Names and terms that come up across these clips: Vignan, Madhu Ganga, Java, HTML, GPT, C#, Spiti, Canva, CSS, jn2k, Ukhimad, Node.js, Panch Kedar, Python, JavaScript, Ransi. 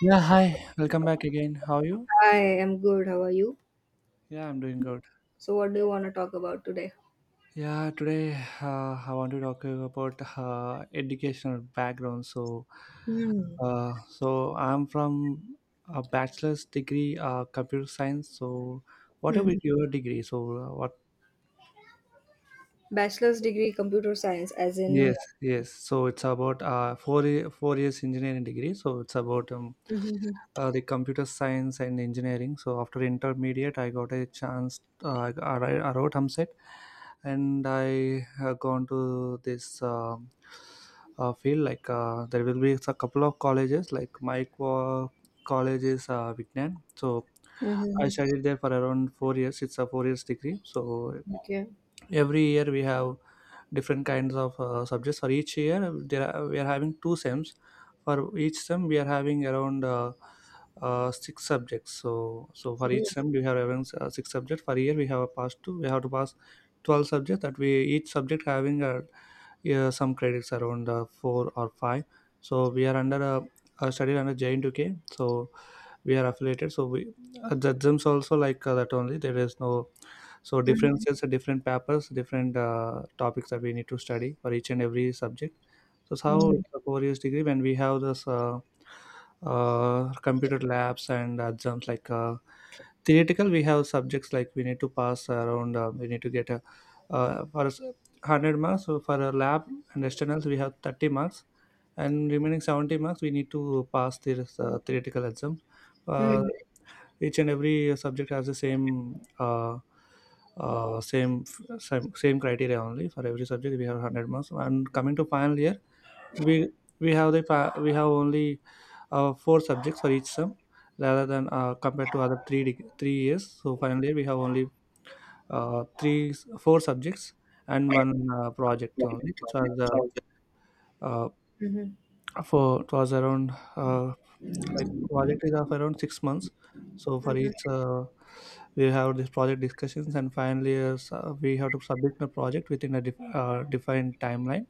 Yeah, hi. Welcome back again. How are you? I am good. How are you? Yeah, I'm doing good. So, what do you want to talk about today? Yeah, today I want to talk about educational background. So, Hmm. so I'm from a bachelor's degree, computer science. So, what about Mhm. your degree? So, what? Bachelor's degree computer science, as in. Yes, yes. So it's about 4 years engineering degree. So it's about Mhm. The computer science and engineering. So after intermediate, I got a chance. I wrote Humset, and I have gone to this field. Like there will be a couple of colleges. Like college is Vignan. So I Mhm. studied there for around 4 years. It's a 4 years degree. So Okay. every year we have different kinds of subjects. For each year there are, we are having two sems. For each sem we are having around six subjects. So for each sem we have having six subjects. For year we have a pass two, we have to pass 12 subjects that we, each subject having yeah, some credits around four or five. So we are under a study under JN2K, so we are affiliated. So we, the gyms also, like that only. There is no so Mhm. differences, different papers, different topics that we need to study for each and every subject. So it's how Mhm. it's a 4 years degree, when we have this computer labs and exams, like theoretical we have subjects like we need to pass around, we need to get a, for us, 100 marks. So for a lab and externals we have 30 marks, and remaining 70 marks we need to pass the theoretical exams. uh, Mhm. each and every subject has the same, uh, same same criteria only. For every subject we have 100 marks. And coming to final year, we, we have only four subjects for each sum, rather than compared to other 3 years. So final year we have only three four subjects, and one project only, which are the uh, Mhm. for it was around like project is of around 6 months. So for each, we have this project discussions, and finally so we have to submit the project within a defined timeline.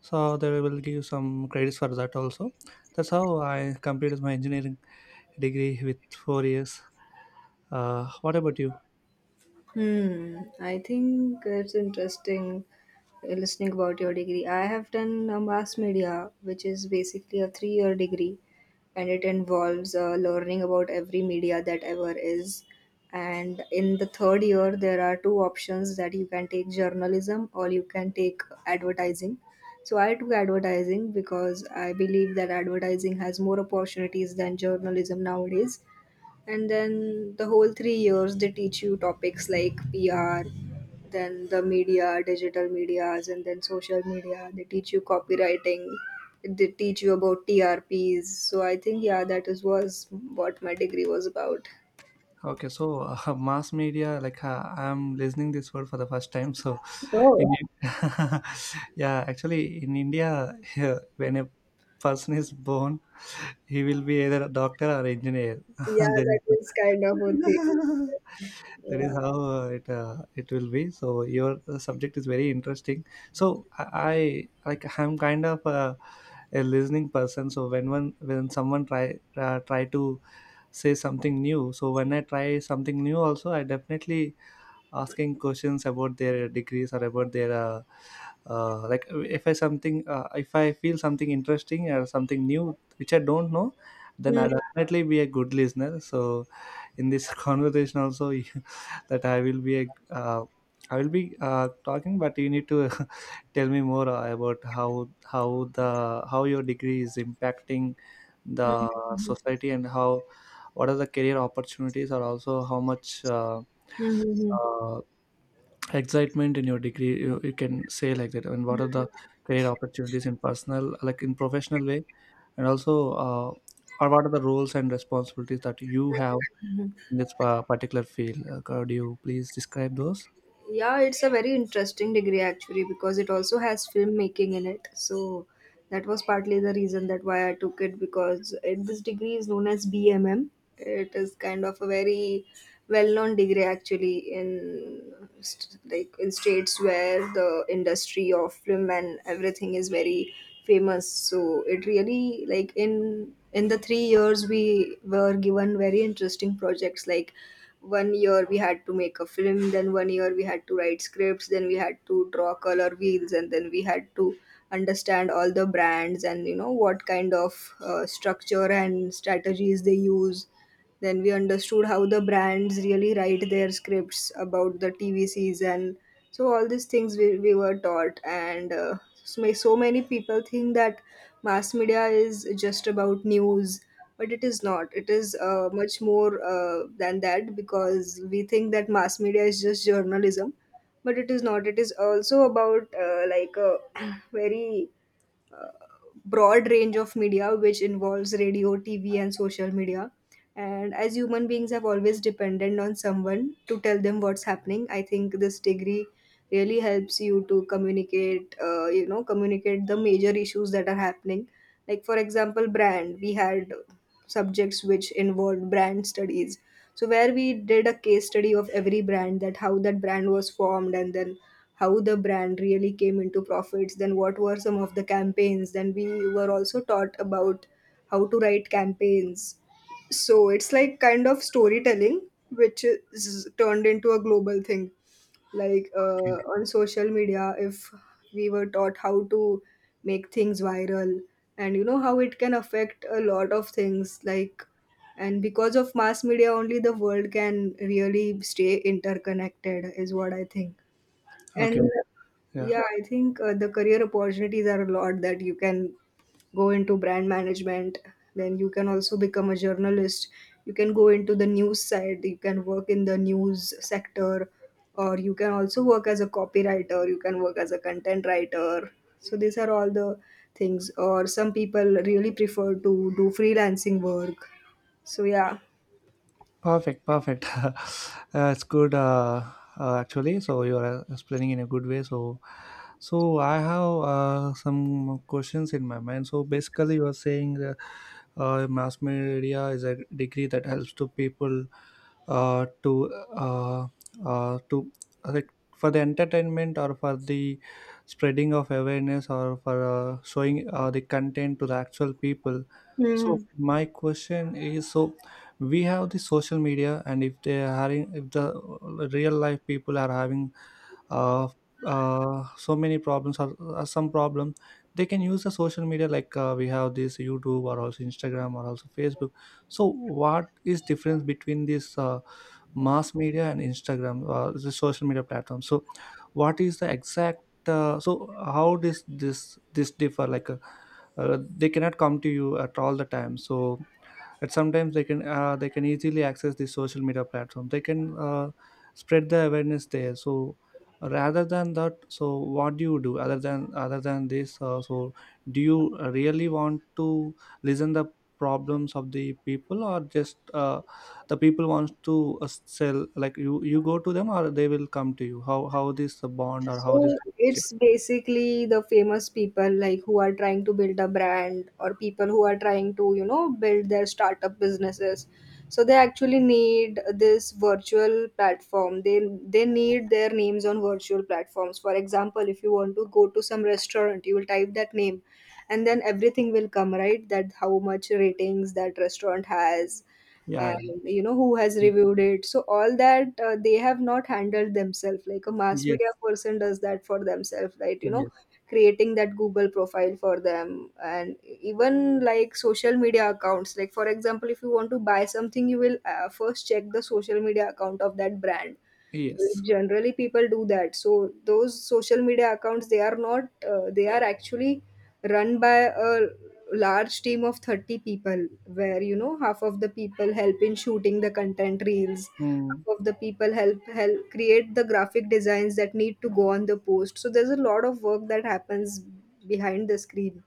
So they will give some credits for that also. That's how I completed my engineering degree with 4 years. What about you? Hmm, I think it's interesting listening about your degree. I have done a mass media, which is basically a three-year degree, and it involves learning about every media that ever is. And in the third year, there are two options that you can take journalism or you can take advertising. So I took advertising because I believe that advertising has more opportunities than journalism nowadays, and then the whole three years they teach you topics like pr, then the media, digital medias, and then social media, they teach you copywriting, they teach you about trps. So I think, yeah, that is was what my degree was about. Okay, so mass media, like I'm listening this word for the first time. So Oh, In- yeah, actually, in India, here, when a person is born, he will be either a doctor or engineer. yeah, There that is- is kind of a thing. that Yeah. is how it it will be. So your subject is very interesting. So I, I'm kind of a listening person. So when someone try try to say something new, so when I try something new, also I definitely asking questions about their degrees or about their like if I something, if I feel something interesting or something new which I don't know, then I'll definitely be a good listener. So in this conversation also you- that I will be a I will be talking, but you need to tell me more about how your degree is impacting the society, and how, what are the career opportunities, or also how much Mm-hmm. uh, excitement in your degree, you can say like that. And what are the career opportunities in personal, like in professional way, and also or what are the roles and responsibilities that you have in this particular field? Could you please describe those? Yeah, it's a very interesting degree actually, because it also has filmmaking in it. So that was partly the reason that why I took it, because this degree is known as bmm. It is kind of a very well-known degree actually in like in states where the industry of film and everything is very famous. So it really, like, in the three years we were given very interesting projects, like one year we had to make a film, then one year we had to write scripts, then we had to draw color wheels, and then we had to understand all the brands and you know what kind of structure and strategies they use, then we understood how the brands really write their scripts about the TV season. So all these things we were taught, and so so many people think that mass media is just about news, but it is not. It is much more than that, because we think that mass media is just journalism, but it is not. It is also about like a very broad range of media which involves radio, TV, and social media. And as human beings have always dependent on someone to tell them what's happening, I think this degree really helps you to communicate, communicate the major issues that are happening. Like, for example, brand, we had subjects which involved brand studies, so where we did a case study of every brand, that how that brand was formed, and then how the brand really came into profits, then what were some of the campaigns, then we were also taught about how to write campaigns. So it's like kind of storytelling, which is turned into a global thing. Like Okay, on social media, if we were taught how to make things viral, and you know how it can affect a lot of things, like, and because of mass media, only the world can really stay interconnected, is what I think. okay. And Yeah. yeah, I think the career opportunities are a lot, that you can go into brand management, then you can also become a journalist, you can go into the news side, you can work in the news sector, or you can also work as a copywriter, you can work as a content writer. So these are all the things, or some people really prefer to do freelancing work. So yeah. Perfect, perfect. It's good, actually. So you are explaining in a good way. So, so I have some questions in my mind. So basically, you are saying that mass media is a degree that helps to people, uh, to uh, to like, for the entertainment, or for the spreading of awareness, or for showing the content to the actual people. So Hmm. my question is, so we have the social media, and if they are having, if the real life people are having uh, so many problems, or some problem, they can use the social media, like we have this YouTube or also Instagram or also Facebook. So what is difference between this mass media and Instagram, the social media platform? So what is the exact, so how does this differ, like they cannot come to you at all the time. So at sometimes they can, they can easily access the social media platform, they can spread the awareness there. So rather than that, so what do you do other than this, so do you really want to listen the problems of the people, or just the people wants to sell, like you go to them or they will come to you? How this bond, or how this So relationship- it's basically the famous people, like who are trying to build a brand, or people who are trying to, you know, build their startup businesses. So they actually need this virtual platform. They need their names on virtual platforms. For example, if you want to go to some restaurant, you will type that name and then everything will come, right? That how much ratings that restaurant has, yeah, and yeah. you know who has reviewed it. So all that, they have not handled themselves, like a mass media Yes, person does that for themselves, right, you know, yes, creating that Google profile for them, and even like social media accounts. Like, for example, if you want to buy something, you will first check the social media account of that brand. yes. Generally people do that. So those social media accounts, they are not they are actually run by a large team of 30 people, where you know half of the people help in shooting the content reels, Mm. half of the people help create the graphic designs that need to go on the post. So there's a lot of work that happens behind the screen.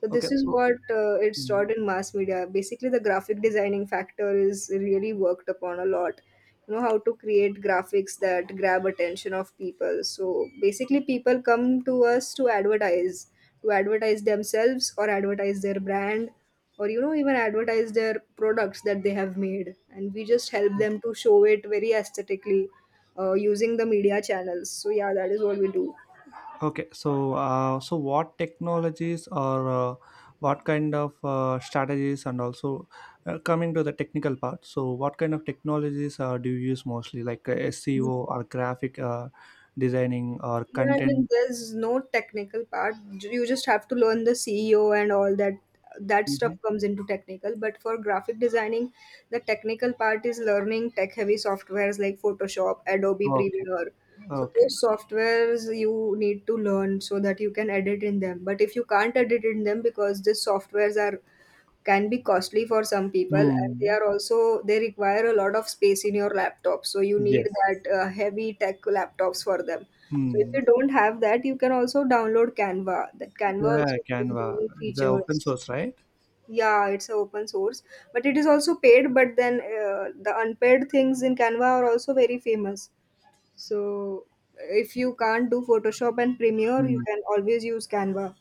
So Okay, this is so. what it's Mm. taught in mass media. Basically, the graphic designing factor is really worked upon a lot. You know how to create graphics that grab attention of people. So basically, people come to us to advertise themselves or advertise their brand, or you know even advertise their products that they have made, and we just help them to show it very aesthetically using the media channels. So yeah, that is what we do. Okay, so so what technologies, or what kind of strategies, and also coming to the technical part, so what kind of technologies do you use mostly, like SEO or graphic designing or Yeah, I mean, content? there's no technical part. You just have to learn the CEO and all that. That stuff Mhm. comes into technical. But for graphic designing, the technical part is learning tech-heavy softwares like Photoshop, Adobe Okay, Premiere, so okay. those softwares you need to learn so that you can edit in them. But if you can't edit in them, because these softwares are can be costly for some people, and they Hmm. are also they require a lot of space in your laptop. So you need Yes. that heavy tech laptops for them. So if Hmm. you don't have that, you can also download Canva. That Canva Yeah, also has Canva. many It's a open features. source, right? Yeah, it's a open source, but it is also paid. But then the unpaid things in Canva are also very famous. So if you can't do Photoshop and Premiere, Hmm. you can always use Canva.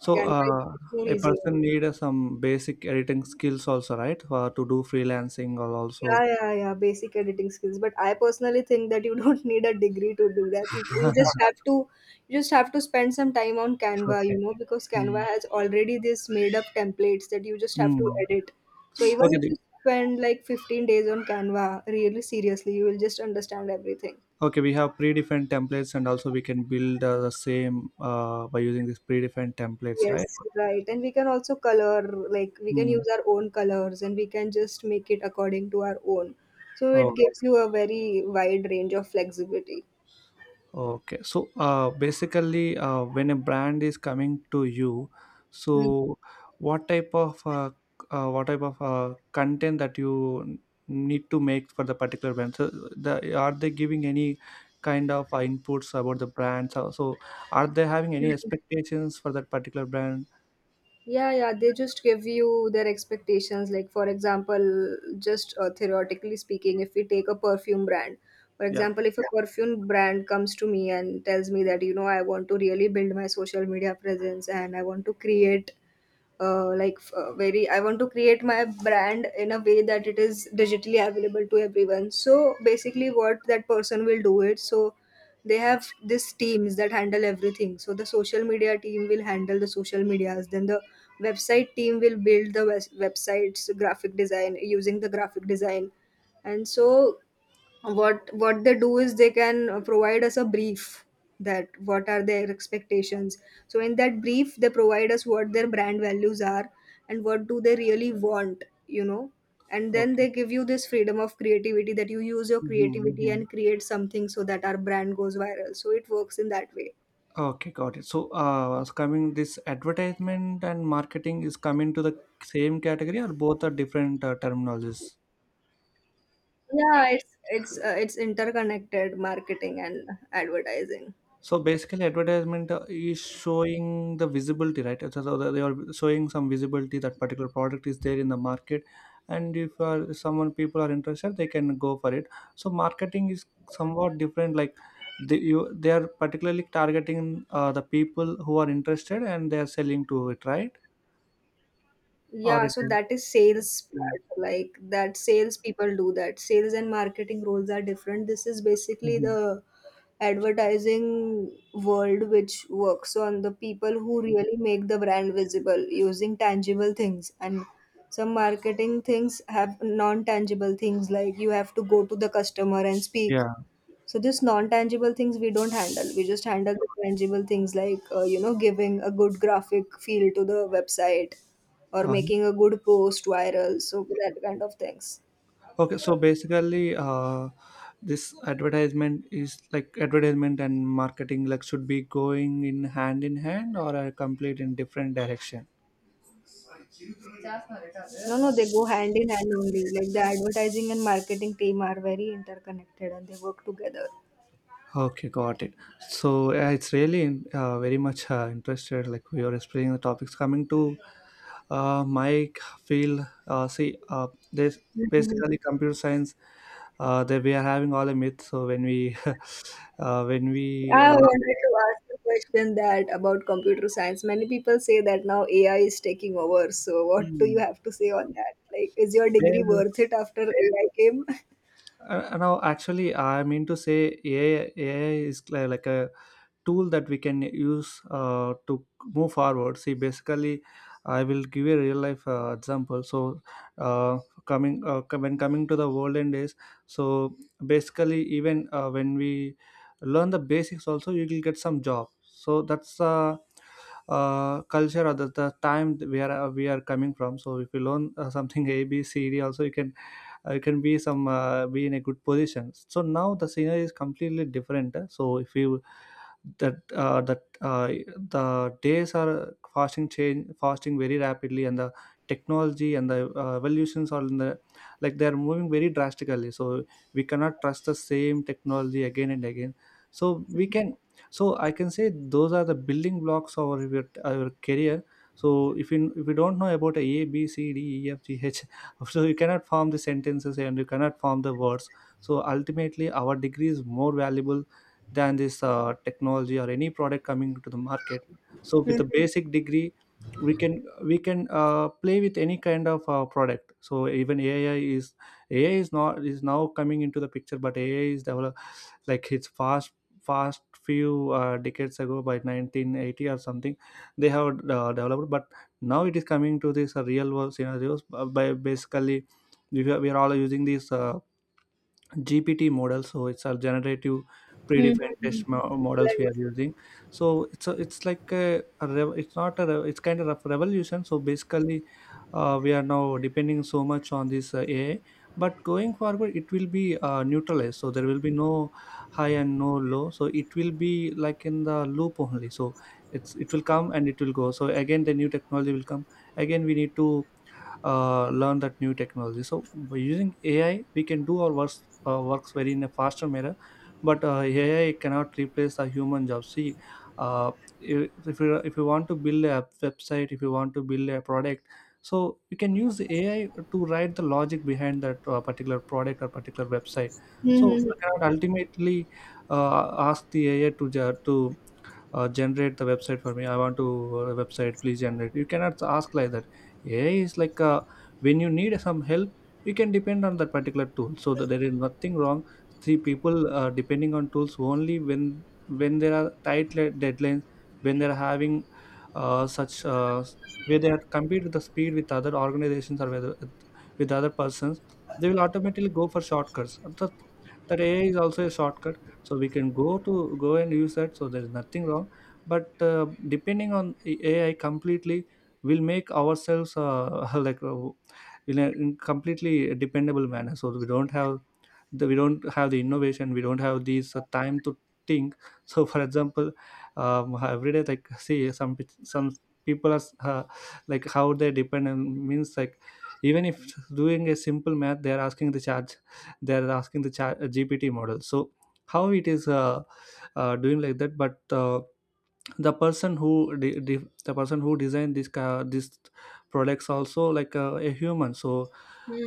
So Canva is much more a easier. person need some basic editing skills also, right? For to do freelancing or also. Yeah, yeah, yeah. Basic editing skills. But I personally think that you don't need a degree to do that. You just have to, you just have to spend some time on Canva, you Okay. know, because Canva Hmm. has already this made up templates that you just have to Hmm. edit. So even Okay, if the- you spend like 15 days on Canva, really seriously, you will just understand everything. Okay. We have predefined templates, and also we can build the same by using these predefined templates, right? Yes, right. And we can also color, like we can use our own colors and we can just make it according to our own. So Hmm. it gives you a very wide range of flexibility. Okay, so basically, when a brand is coming to you, Mhm. so what type of uh, what type of content that you need to make for the particular brand? So, the, are they giving any kind of inputs about the brand? So, so are they having any expectations for that particular brand? Yeah, yeah, they just give you their expectations. Like, for example, just theoretically speaking, if we take a perfume brand, for Yeah. example, if a Yeah. perfume brand comes to me and tells me that, you know, I want to really build my social media presence, and I want to create like f- very I want to create my brand in a way that it is digitally available to everyone. So basically what that person will do it, so they have these teams that handle everything. So the social media team will handle the social medias, then the website team will build the websites, graphic design using the graphic design, and so what they do is they can provide us a brief, that what are their expectations. So in that brief they provide us what their brand values are and what do they really want, you know, and then Okay. they give you this freedom of creativity, that you use your Mm-hmm, creativity mm-hmm. and create something so that our brand goes viral. So it works in that way. Okay, got it. So, it's coming, this advertisement and marketing is coming to the same category, or both are different terminologies? Yeah, it's interconnected, marketing and advertising. So basically, advertisement is showing the visibility, right? So they are showing some visibility that particular product is there in the market, and if someone, people are interested, they can go for it. So marketing is somewhat different. Like they, you, they are particularly targeting the people who are interested, and they are selling to it, right? Or Yeah, it so is, that is sales yeah. part, like that sales people do that. Sales and marketing roles are different. This is basically Mhm. the advertising world which works on the people who really make the brand visible using tangible things, and some marketing things have non-tangible things, like you have to go to the customer and speak. Yeah. So this non-tangible things we don't handle. We just handle the tangible things, like you know, giving a good graphic feel to the website, or uh making a good post viral, so that kind of things. Okay, so basically, this advertisement, is like advertisement and marketing, like should be going in hand in hand, or are complete in different direction? No, no, they go hand in hand only. Like the advertising and marketing team are very interconnected and they work together. Okay, got it. So it's really very much interested. Like we are exploring the topics. Coming to my field. See, there's basically computer science. That we are having all the myths. So when we, when we, I like, wanted to ask a question, that about computer science many people say that now AI is taking over, so what do you Hmm. have to say on that, like is your degree Well, worth it after AI came? Now, actually, I mean to say AI, is like a tool that we can use to move forward. See, basically, I will give a real life example. So, uh, coming when coming to the world end days, so basically, even when we learn the basics, also you will get some job. So that's culture or the time that we are coming from. So if you learn something ABCD, also you can be some be in a good position. So now the scenario is completely different. So if you that that the days are fasting change fasting very rapidly, and the technology and the evolutions are in the, like, they are moving very drastically. So we cannot trust the same technology again and again. So we can so I can say those are the building blocks of our career. So if you don't know about a b c d e f g h so you cannot form the sentences and you cannot form the words. So ultimately our degree is more valuable than this technology or any product coming to the market. So with a basic degree, we can play with any kind of product. So even AI is not, is now coming into the picture, but AI is developed, like, it's fast few decades ago, by 1980 or something, they have developed. But now it is coming to this real world scenarios by basically, we are all using these GPT models. So it's a generative models we are using. So it's it's like a rev- it's not a rev- it's kind of a revolution. So basically, we are now depending so much on this AI. But going forward, it will be neutralized. So there will be no high and no low. So it will be like in the loop only. So it will come and it will go. So again, the new technology will come. Again, we need to learn that new technology. So by using AI, we can do our works very in a faster manner. But AI cannot replace a human job. See, uh, if you want to build a website, if you want to build a product, so you can use AI to write the logic behind that particular product or particular website. So I cannot ultimately ask the AI to generate the website for me. I want to website, please generate. You cannot ask like that. AI is like, when you need some help, you can depend on that particular tool, so that there is nothing wrong. See, people are depending on tools only when there are tight deadlines, when they're having such where they are compete with the speed with other organizations, or whether with other persons, they will automatically go for shortcuts. That, that AI is also a shortcut, so we can go and use that. So there is nothing wrong, but depending on AI completely will make ourselves like, in a in completely dependable manner, so we don't have we don't have the innovation, we don't have these time to think. So for example, every day, like see, some people are uh, like how they depend on, means like, even if doing a simple math, they are asking they are asking the chat GPT model. So how it is doing like that? But uh, the person who the person who designed this this products also, like, a human. So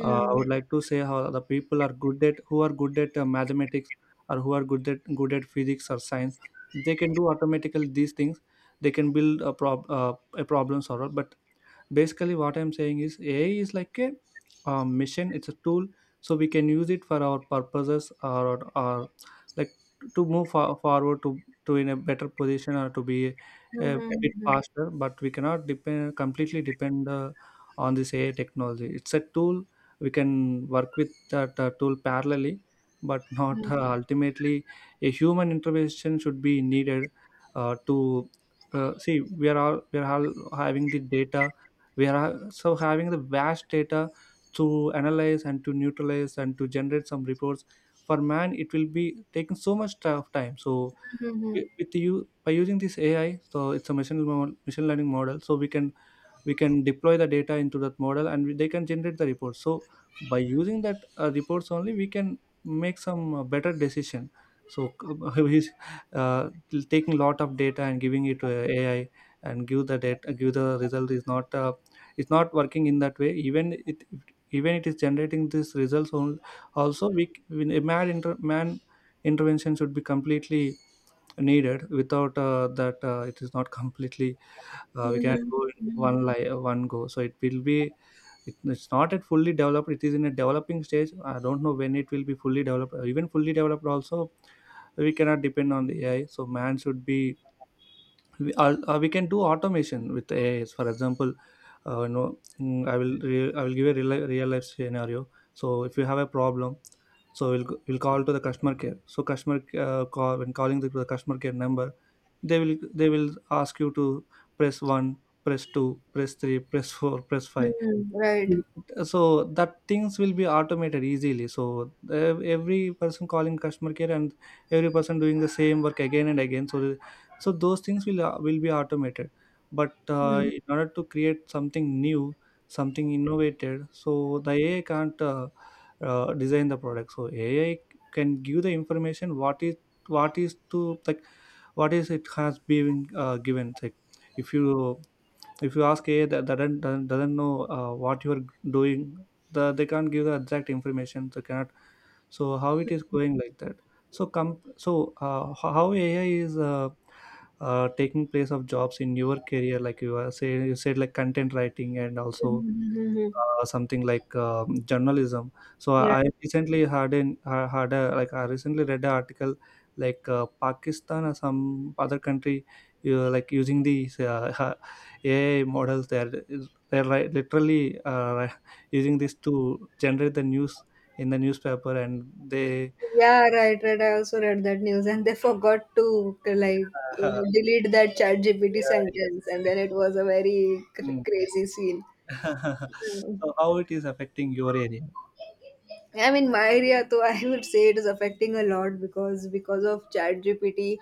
I would like to say how the people are good at, who are good at mathematics, or who are good at physics or science, they can do automatically these things. They can build a problem solver. But basically what I'm saying is, AI is like mission, it's a tool. So we can use it for our purposes, or, like, to move forward, to in a better position, or to be a bit Right. faster. But we cannot depend, completely depend on this AI technology. It's a tool, we can work with that tool parallelly, but Mhm. Mm, not mhm, mhm, ultimately. A human intervention should be needed to see, we are all having the data. We are also having the vast data to analyze and to neutralize and to generate some reports. For man, it will be taking so much of time. So with you, by using this AI, so it's a machine machine learning model, so we can deploy the data into that model, and they can generate the report. So by using that reports only, we can make some better decision. So he's uh, taking lot of data and giving it to AI, and give the data, give the result, is not it's not working in that way. Even it even it is generating this results only, also we, man, inter, man intervention should be completely needed. Without that it is not completely we cannot mhm. go in one go. So it will be, it's not at fully developed, it is in a developing stage. I don't know when it will be fully developed. Even fully developed also, we cannot depend on the AI, so man should be, or we can do automation with AIs. For example, no, mm, I will re- I will give a real life scenario. So if you have a problem, so we'll call to the customer care. So customer call when calling the customer care number, they will ask you to press one, press two, press three, press four, press five. Mhm. Right. So that things will be automated easily. So every person calling customer care, and every person doing the same work again and again. So those things will be automated. But Hmm. in order to create something new, something innovated, so the AI can't design the product. So AI can give the information, what is, what is to, like, what is it has been given. Like if you, if you ask AI that doesn't know what you're doing, they can't give the exact information, they cannot. So how it is going like that? So come, so how AI is taking place of jobs in your career, like you are say you said like content writing and also Mhm, mhm, mhm. Something like journalism. So Yeah. I recently had an ha- had a like I recently read an article, like Pakistan or some other country, like using these AI models. They're like literally using this to generate the news in the newspaper, and they Yeah, right, right. I also read that news, and they forgot to like uh, delete that Chat GPT yeah. sentence, and Yes. then it was a very Mm. crazy scene. Mm. So how it is affecting your area? I mean, my area, though, I would say it is affecting a lot because of Chat GPT,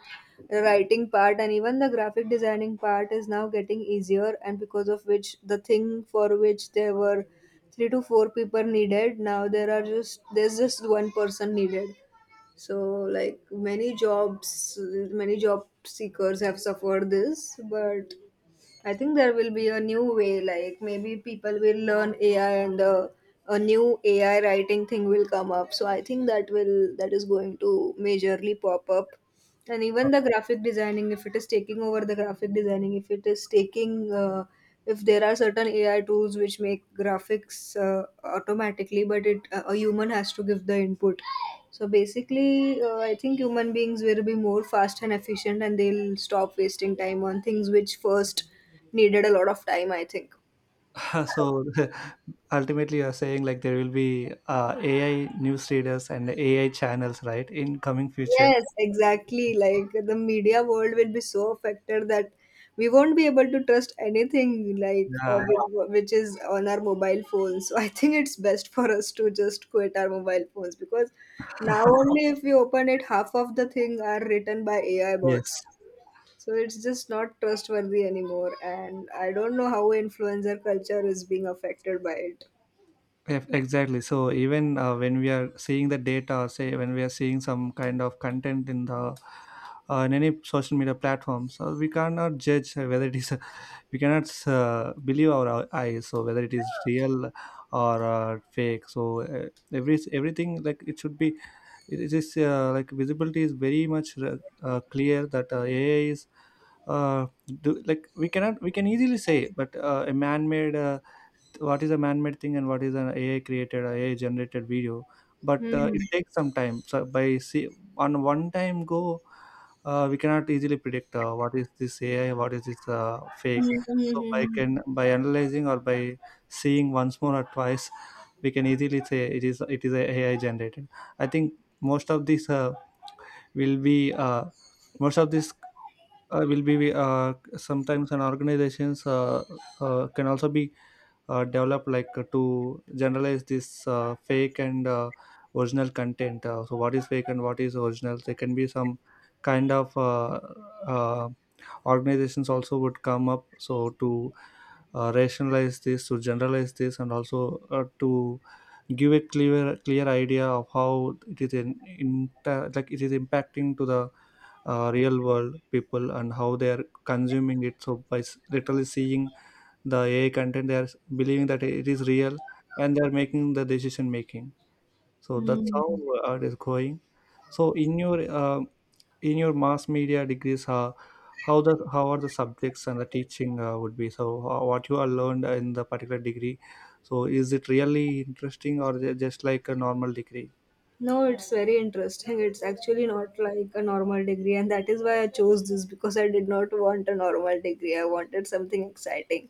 the writing part and even the graphic designing part is now getting easier, and because of which the thing for which there were three to four people needed, now there are just one person needed, so like many jobs, many job seekers have suffered this, but I think there will be a new way. Like maybe people will learn AI and the a new AI writing thing will come up. So I think that is going to majorly pop up. And Uh, even the graphic designing if it is taking over the graphic designing, if it is taking if there are certain ai tools which make graphics, uh, automatically, but it a human has to give the input. So basically, I think human beings will be more fast and efficient and they'll stop wasting time on things which first needed a lot of time, I think. so ultimately you're saying like there will be AI newsreaders and AI channels, right, in coming future? Yes, exactly. Like the media world will be so affected that we won't be able to trust anything, like Yeah. Which is on our mobile phones. So I think it's best for us to just quit our mobile phones, because now only if we open it, half of the thing are written by AI bots. Yes. So it's just not trustworthy anymore, and I don't know how influencer culture is being affected by it. Eff- exactly. So even when we are seeing the data, or say when we are seeing some kind of content in the in any social media platform, so we cannot judge whether it is, we cannot believe our eyes, so whether it is real or fake. So uh, every, everything, like it should be, it is like visibility is very much clear that AI is uh, like we cannot, we can easily say, but a man-made, what is a man-made thing, and what is an AI created, or AI generated video. But Hmm. it takes some time. So by see, on one time go, we cannot easily predict what is this AI, what is this fake. Hmm. So by Hmm. can, by analyzing or by seeing once more or twice, we can easily say it is, it is a AI generated. I think most of this will be most of this will be sometimes an organizations can also be develop, like to generalize this fake and original content. So what is fake and what is original, there can be some kind of uh, organizations also would come up, so to rationalize this, to generalize this, and also to give a clear idea of how it is in like it is impacting to the real world people, and how they are consuming it. So by literally seeing the AI content, they are believing that it is real, and they are making the decision making. So that's Hmm. how Hmm. It is going. So in your mass media degrees, how the, how are the subjects and the teaching would be, so what you are learned in the particular degree, so is it really interesting, or ju- just like a normal degree? No, it's very interesting. It's actually not like a normal degree, and that is why I chose this because I did not want a normal degree. I wanted something exciting.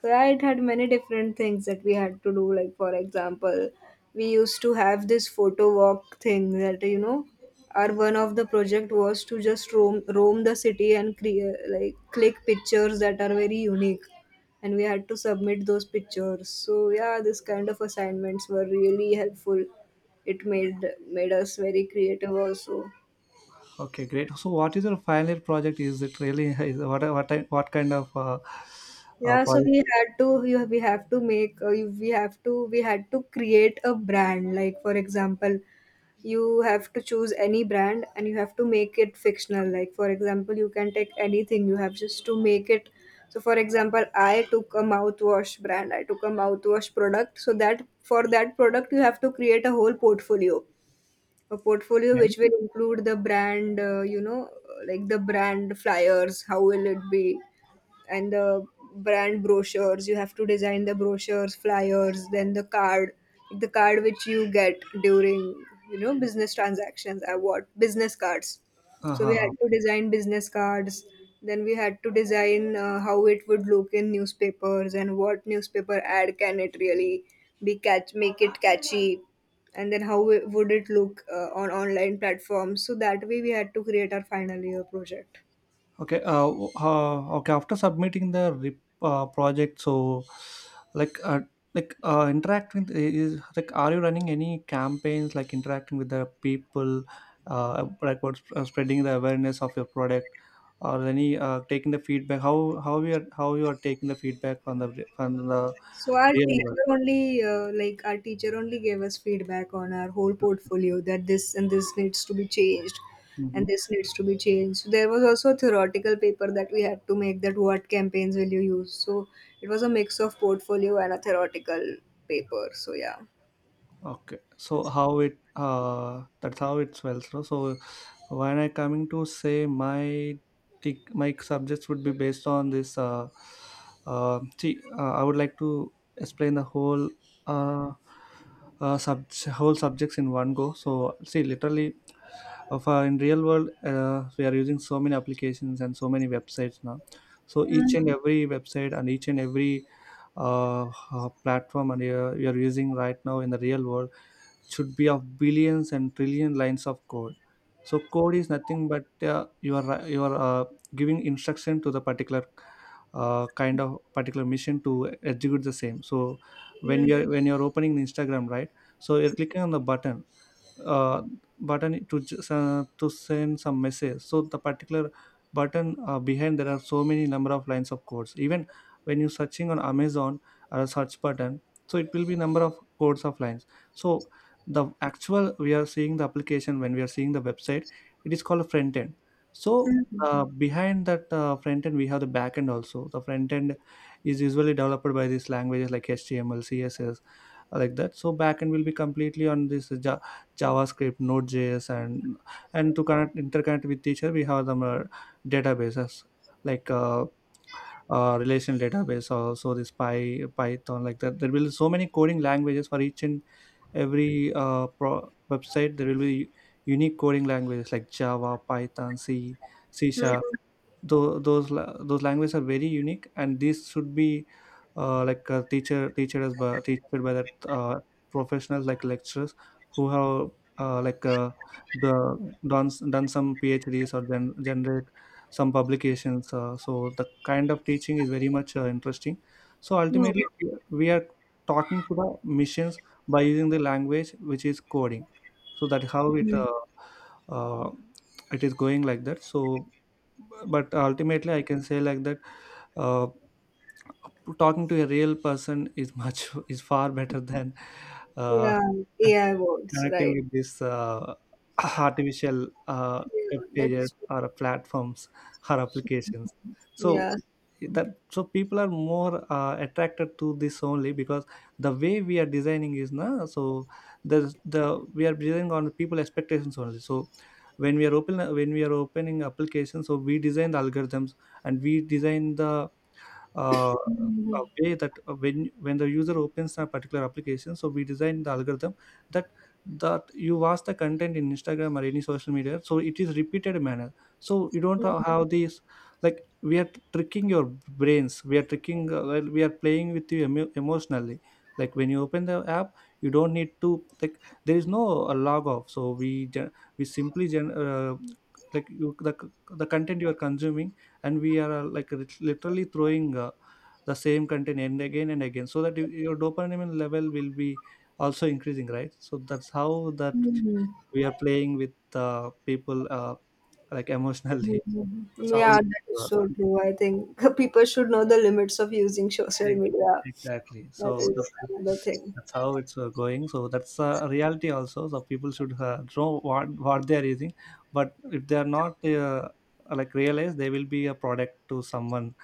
So yeah, it had many different things that we had to do. Like for example, we used to have this photo walk thing that, you know, our one of the project was to just roam the city and create like click pictures that are very unique, and we had to submit those pictures. So yeah, this kind of assignments were really helpful. It made us very creative also. Okay, great. So what is your final year project? Is it really is, what, what kind of Yeah, so project? we had to, you- we have to make, you- we have to, we had to create a brand. Like, for example, you have to choose any brand and you have to make it fictional. Like, for example, you can take anything, you have just to make it. So, for example, I took a mouthwash brand, I took a mouthwash product. So, that for that product, you have to create a whole portfolio which will include the brand, you know, like the brand flyers, how will it be, and the brand brochures. You have to design the brochures, flyers, then the card which you get during, you know, business transactions, I, what, business cards, Uh-huh. so we Uh-huh. had to design business cards. Then we had to design how it would look in newspapers and what newspaper ad can it really be catch make it catchy, and then how would it look on online platforms. So that way we had to create our final year project. Okay. Okay. After submitting the rep, project, so like uh, like interacting with- is like, are you running any campaigns, like interacting with the people, like what's spreading the awareness of your product, or any taking the feedback? How you are, how you are taking the feedback from the from the So our real world? teacher only, gave us feedback on our whole portfolio that this and this needs to be changed, Hmm. and this needs to be changed. So there was also a theoretical paper that we had to make, that what campaigns will you use. So it was a mix of portfolio and a theoretical paper. So yeah. Okay. So how it that's how it's well. So when I coming to say my my subjects would be based on this I would like to explain the whole uh, whole subjects in one go. So see, literally of in real world, we are using so many applications and so many websites now. So each Mm, and every website and each and every platform and we are using right now in the real world should be of billions and trillion lines of code. So code is nothing but, you are ri- you are giving instruction to the particular, kind of particular mission to execute the same. So when we mm, are when you're opening Instagram, right, so you're clicking on the button, uh, button to just, to send some message. So the particular button, behind there are so many number of lines of codes. Even when you're searching on Amazon or a search button, so it will be number of codes of lines. So the actual, we are seeing the application, when we are seeing the website, it is called front end. So mm, mm. Behind that front end we have the back end also. The front end is usually developed by these languages like HTML, CSS, like that. So back end will be completely on this JavaScript, node.js, and to connect, interconnect with each other, we have the databases, like relation database, also this py Python, like that. There will be so many coding languages. For each and every website there will be unique coding languages like Java, Python, C, C sharp. Those languages are very unique and these should be, teacher as by teacher, by that professionals like lecturers who have, like the done done some PhDs or generate some publications. So the kind of teaching is very much interesting. So No. ultimately, we are talking to the machines by using the language which is coding. So that how it, Mm, uh, it is going like that. So but ultimately I can say like that, uh, talking to a real person is much is far better than uh, yeah, AI words, connecting right? with these artificial, Yeah, web pages that's true. or platforms, or applications. So Yeah. that, so people are more attracted to this only because the way we are designing is na. So the the we are designing on people expectations only. So when we are opening applications, so we design the algorithms and we design the, uh, Hmm. a way that, when the user opens a particular application, so we design the algorithm that that you watch the content in Instagram or any social media, so it is repeated manner. So you don't have these, like, we are tricking your brains, we are tricking, well, we are playing with you emotionally. Like when you open the app, you don't need to, like, there is no log off. So we gen- we simply gen- like you the content you are consuming, and we are, like, literally throwing, the same content and again and again, so that your dopamine level will be also increasing, right? So that's how that Hmm. we are playing with, people, like, emotionally. Mhm. That's how, Yeah, that is so uh, true. I think people should know the limits of using social media. ex- exactly. That is another thing. That's how it's going. So that's a reality also. So people should know what they are using. But if they are not like realize, they will be a product to someone,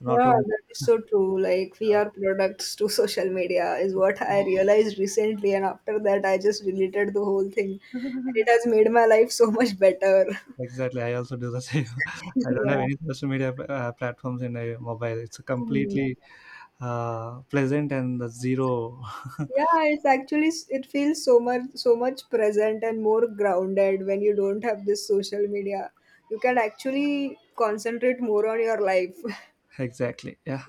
not Yeah, only that is so true. Like, we are products to social media, is what yeah. I realized recently. And after that, I just deleted the whole thing. And it has made my life so much better. Exactly, I also do the same. I don't Yeah. have any social media platforms in my mobile. It's Mm. completely pleasant and the zero. Yeah, it's actually it feels so much present and more grounded when you don't have this social media. You can actually concentrate more on your life. Exactly. Yeah.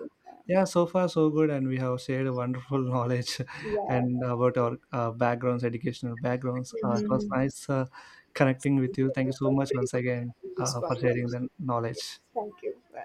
Yeah, so far so good. And we have shared wonderful knowledge Yeah. and about our backgrounds, educational backgrounds. It was Mm-hmm. nice connecting with you. Thank you so much once again This for sharing conversation. the Yes, knowledge. thank you. Bye.